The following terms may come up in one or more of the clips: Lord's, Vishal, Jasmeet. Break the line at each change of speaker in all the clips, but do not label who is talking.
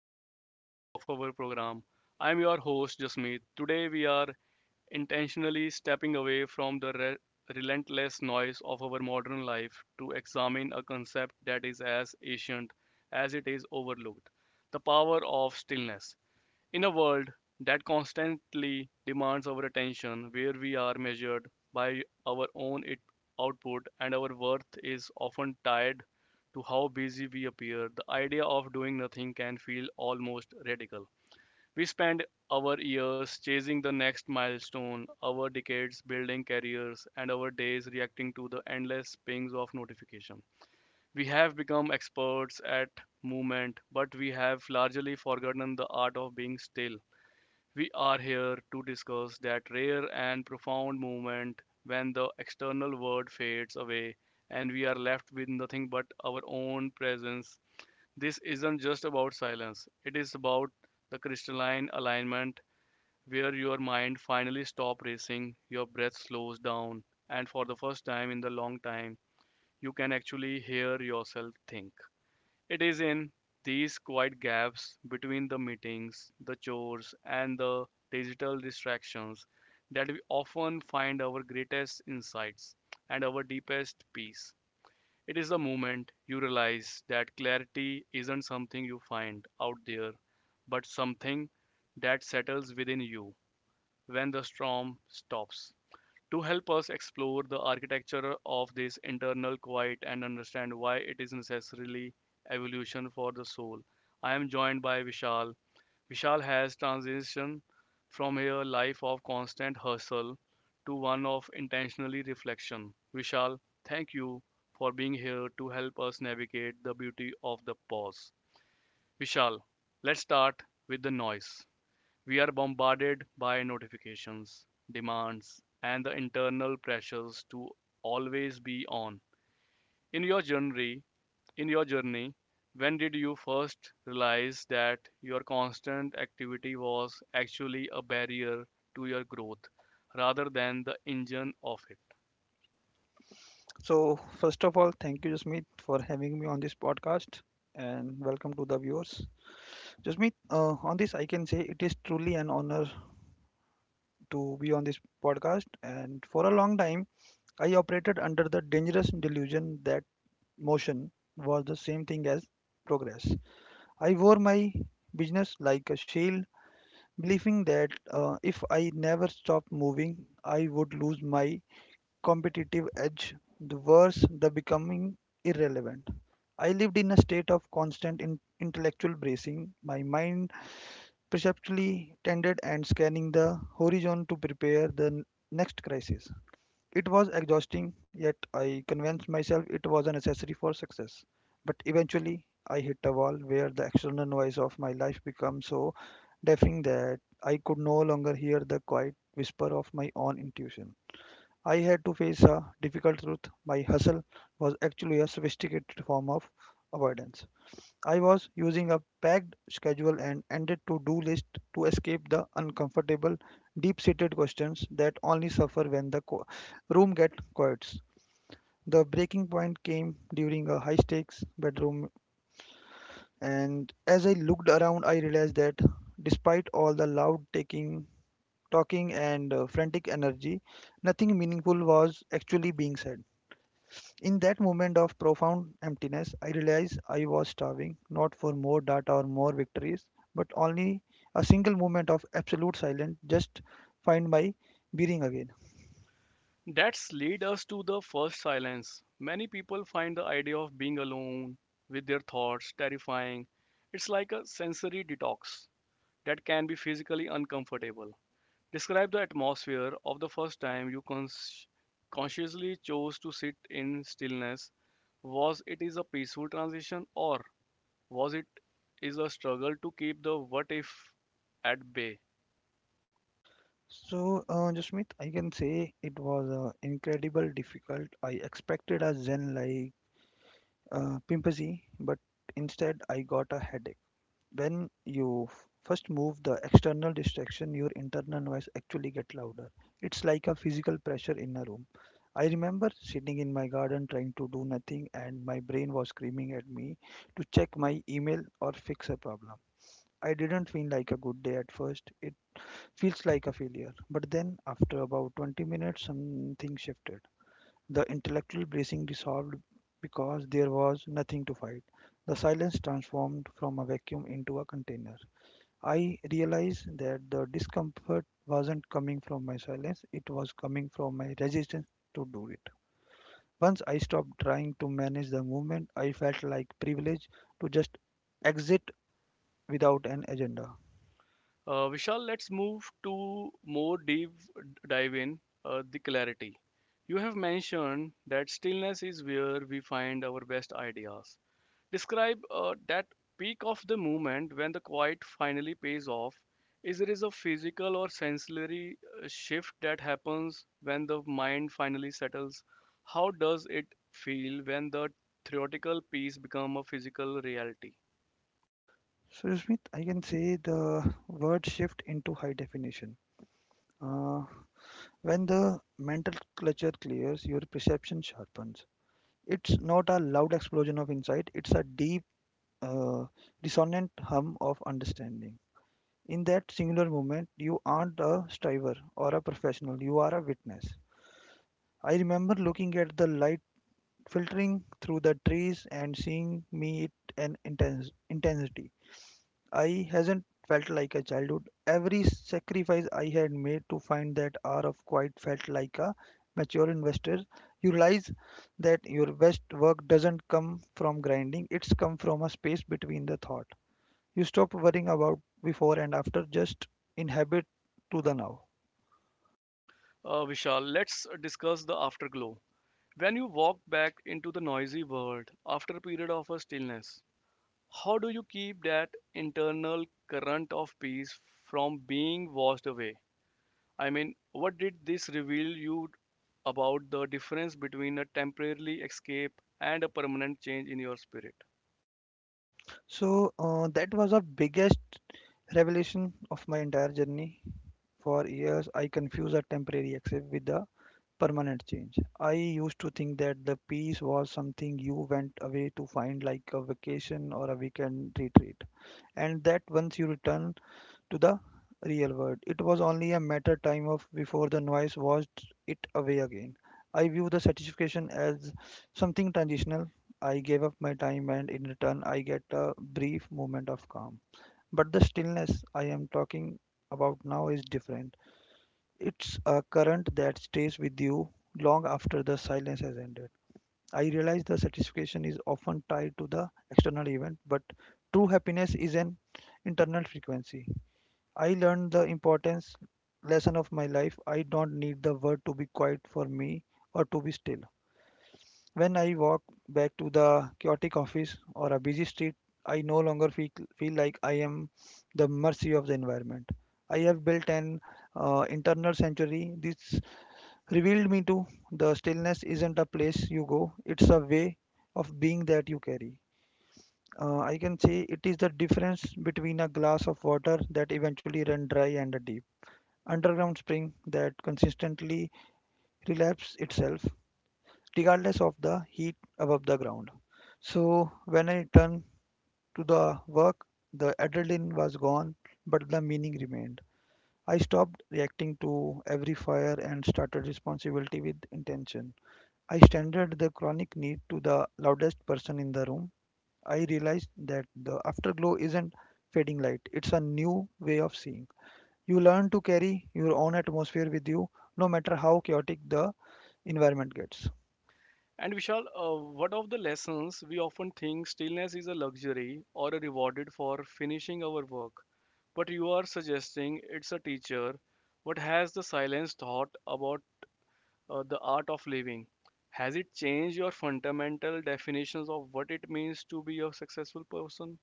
special edition of our program. I'm your host, Jasmeet. Today, we are intentionally stepping away from the relentless noise of our modern life to examine a concept that is as ancient as it is overlooked, the power of stillness. In a world that constantly demands our attention, where we are measured by our output and our worth is often tied to how busy we appear, the idea of doing nothing can feel almost radical. We spend our years chasing the next milestone, our decades building careers, and our days reacting to the endless pings of notification. We have become experts at movement, but we have largely forgotten the art of being still. We are here to discuss that rare and profound moment when the external world fades away and we are left with nothing but our own presence. This isn't just about silence, it is about the crystalline alignment where your mind finally stops racing, your breath slows down, and for the first time in the long time, you can actually hear yourself think. It is in these quiet gaps between the meetings, the chores, and the digital distractions that we often find our greatest insights and our deepest peace. It is the moment you realize that clarity isn't something you find out there, but something that settles within you when the storm stops. To help us explore the architecture of this internal quiet and understand why it is necessarily evolution for the soul, I am joined by Vishal. Vishal has transitioned from a life of constant hustle to one of intentionally reflection. Vishal, thank you for being here to help us navigate the beauty of the pause. Vishal, let's start with the noise. We are bombarded by notifications, demands, and the internal pressures to always be on. In your journey, in your journey, when did you first realize that your constant activity was actually a barrier to your growth rather than the engine of it?
So, first of all, thank you, Jasmeet, for having me on this podcast and welcome to the viewers. Jasmeet, on this, I can say it is truly an honor to be on this podcast. And for a long time, I operated under the dangerous delusion that motion was the same thing as progress. I wore my business like a shield, believing that if I never stopped moving, I would lose my competitive edge, the worse the becoming irrelevant. I lived in a state of constant intellectual bracing, my mind perceptually tended and scanning the horizon to prepare the next crisis. It was exhausting, yet I convinced myself it was a necessary for success. But eventually, I hit a wall where the external noise of my life became so deafening that I could no longer hear the quiet whisper of my own intuition. I had to face a difficult truth. My hustle was actually a sophisticated form of avoidance. I was using a packed schedule and ended to do list to escape the uncomfortable, deep seated questions that only suffer when the room gets quiet. The breaking point came during a high stakes bedroom, and as I looked around, I realized that despite all the loud talking, and frantic energy, nothing meaningful was actually being said. In that moment of profound emptiness, I realized I was starving, not for more data or more victories, but only a single moment of absolute silence just find my bearing again.
That's lead us to the first silence. Many people find the idea of being alone with their thoughts terrifying. It's like a sensory detox that can be physically uncomfortable. Describe the atmosphere of the first time you consciously chose to sit in stillness. Was it is a peaceful transition or was it is a struggle to keep the what if at bay?
So, Jasmeet, I can say it was incredible difficult. I expected a Zen like pimpsy, but instead I got a headache. When you first move the external distraction, your internal noise actually get louder. It's like a physical pressure in a room. I remember sitting in my garden trying to do nothing, and my brain was screaming at me to check my email or fix a problem. I didn't feel like a good day at first. It feels like a failure, but then after about 20 minutes something shifted. The intellectual bracing dissolved because there was nothing to fight. The silence transformed from a vacuum into a container. I realized that the discomfort wasn't coming from my silence, it was coming from my resistance to do it. Once I stopped trying to manage the movement, I felt like privileged to just exit without an agenda.
Vishal, let's move to more deep dive in the clarity. You have mentioned that stillness is where we find our best ideas. Describe that peak of the moment when the quiet finally pays off. Is there is a physical or sensory shift that happens when the mind finally settles? How does it feel when the theoretical piece become a physical reality?
So, Smith, I can say the word shift into high definition. Uh, when the mental clutter clears, your perception sharpens. It's not a loud explosion of insight, it's a deep, uh, resonant hum of understanding. In that singular moment, you aren't a striver or a professional, you are a witness. I remember looking at the light filtering through the trees and seeing me it an intense intensity. I hasn't felt like a childhood. Every sacrifice I had made to find that hour of quiet felt like a mature investor. You realize that your best work doesn't come from grinding, it's come from a space between the thought you stop worrying about before and after just inhabit to the now.
Vishal, let's discuss the afterglow. When you walk back into the noisy world after a period of a stillness, how do you keep that internal current of peace from being washed away? I mean, what did this reveal you about the difference between a temporary escape and a permanent change in your spirit?
So that was the biggest revelation of my entire journey. For years I confused a temporary access with a permanent change. I used to think that the peace was something you went away to find, like a vacation or a weekend retreat, and that once you return to the real world, it was only a matter time of before the noise washed it away again. I view the satisfaction as something transitional. I gave up my time and in return I get a brief moment of calm. But the stillness I am talking about now is different. It's a current that stays with you long after the silence has ended. I realize the satisfaction is often tied to the external event, but true happiness is an internal frequency. I learned the importance lesson of my life. I don't need the world to be quiet for me or to be still. When I walk back to the chaotic office or a busy street, I no longer feel like I am the mercy of the environment. I have built an internal sanctuary. This revealed me to the stillness isn't a place you go, it's a way of being that you carry. I can say it is the difference between a glass of water that eventually runs dry and a deep underground spring that consistently relapses itself regardless of the heat above the ground. So when I returned to the work, the adrenaline was gone, but the meaning remained. I stopped reacting to every fire and started responsibility with intention. I standard the chronic need to the loudest person in the room. I realized that the afterglow isn't fading light, it's a new way of seeing. You learn to carry your own atmosphere with you, no matter how chaotic the environment gets.
And Vishal, what of the lessons we often think stillness is a luxury or a rewarded for finishing our work? But you are suggesting it's a teacher. What has the silence taught about the art of living? Has it changed your fundamental definitions of what it means to be a successful person?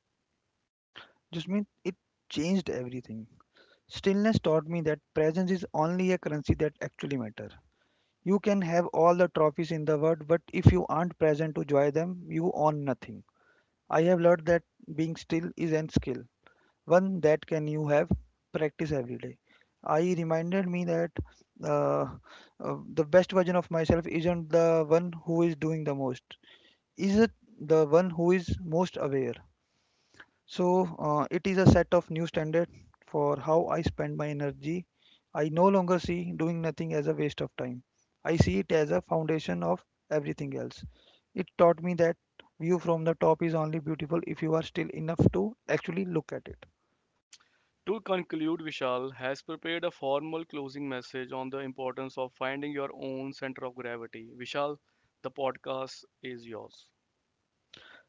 Just mean it changed everything. Stillness taught me that presence is only a currency that actually matter. You can have all the trophies in the world, but if you aren't present to enjoy them, you own nothing. I have learned that being still is an skill, one that can you have practice every day. I reminded me that uh, the best version of myself isn't the one who is doing the most, is it the one who is most aware. So it is a set of new standards for how I spend my energy. I no longer see doing nothing as a waste of time. I see it as a foundation of everything else. It taught me that view from the top is only beautiful if you are still enough to actually look at it.
To conclude, Vishal has prepared a formal closing message on the importance of finding your own center of gravity. Vishal, the podcast is yours.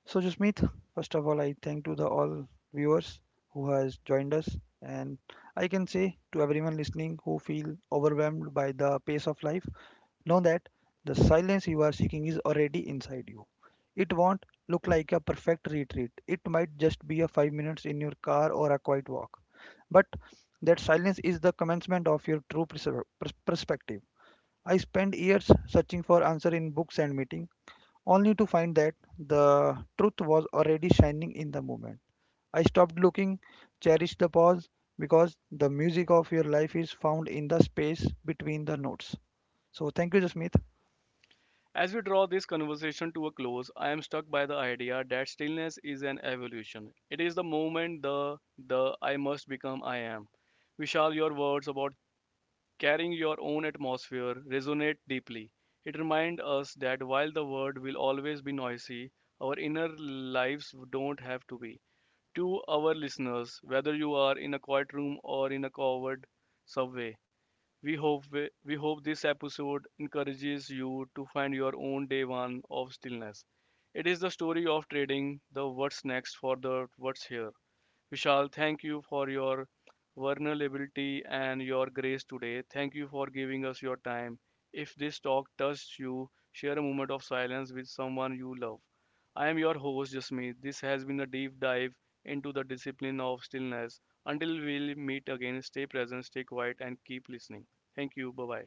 So Jasmeet, first of all, I thank to the all viewers who has joined us, and I can say to everyone listening who feel overwhelmed by the pace of life, know that the silence you are seeking is already inside you. It won't look like a perfect retreat. It might just be a 5 minutes in your car or a quiet walk. But that silence is the commencement of your true perspective. I spent years searching for answer in books and meeting, only to find that the truth was already shining in the moment. I stopped looking, cherished the pause, because the music of your life is found in the space between the notes. So thank you, Jasmeet.
As we draw this conversation to a close, I am struck by the idea that stillness is an evolution. It is the moment the I must become I am. Vishal, your words about carrying your own atmosphere resonate deeply. It reminds us that while the world will always be noisy, our inner lives don't have to be. To our listeners, whether you are in a quiet room or in a covered subway, we hope we hope this episode encourages you to find your own day one of stillness. It is the story of trading the what's next for the what's here. Vishal, thank you for your vulnerability and your grace today. Thank you for giving us your time. If this talk touched you, share a moment of silence with someone you love. I am your host, Jasmeet. This has been a deep dive into the discipline of stillness. Until we meet again, stay present, stay quiet, and keep listening. Thank you. Bye bye.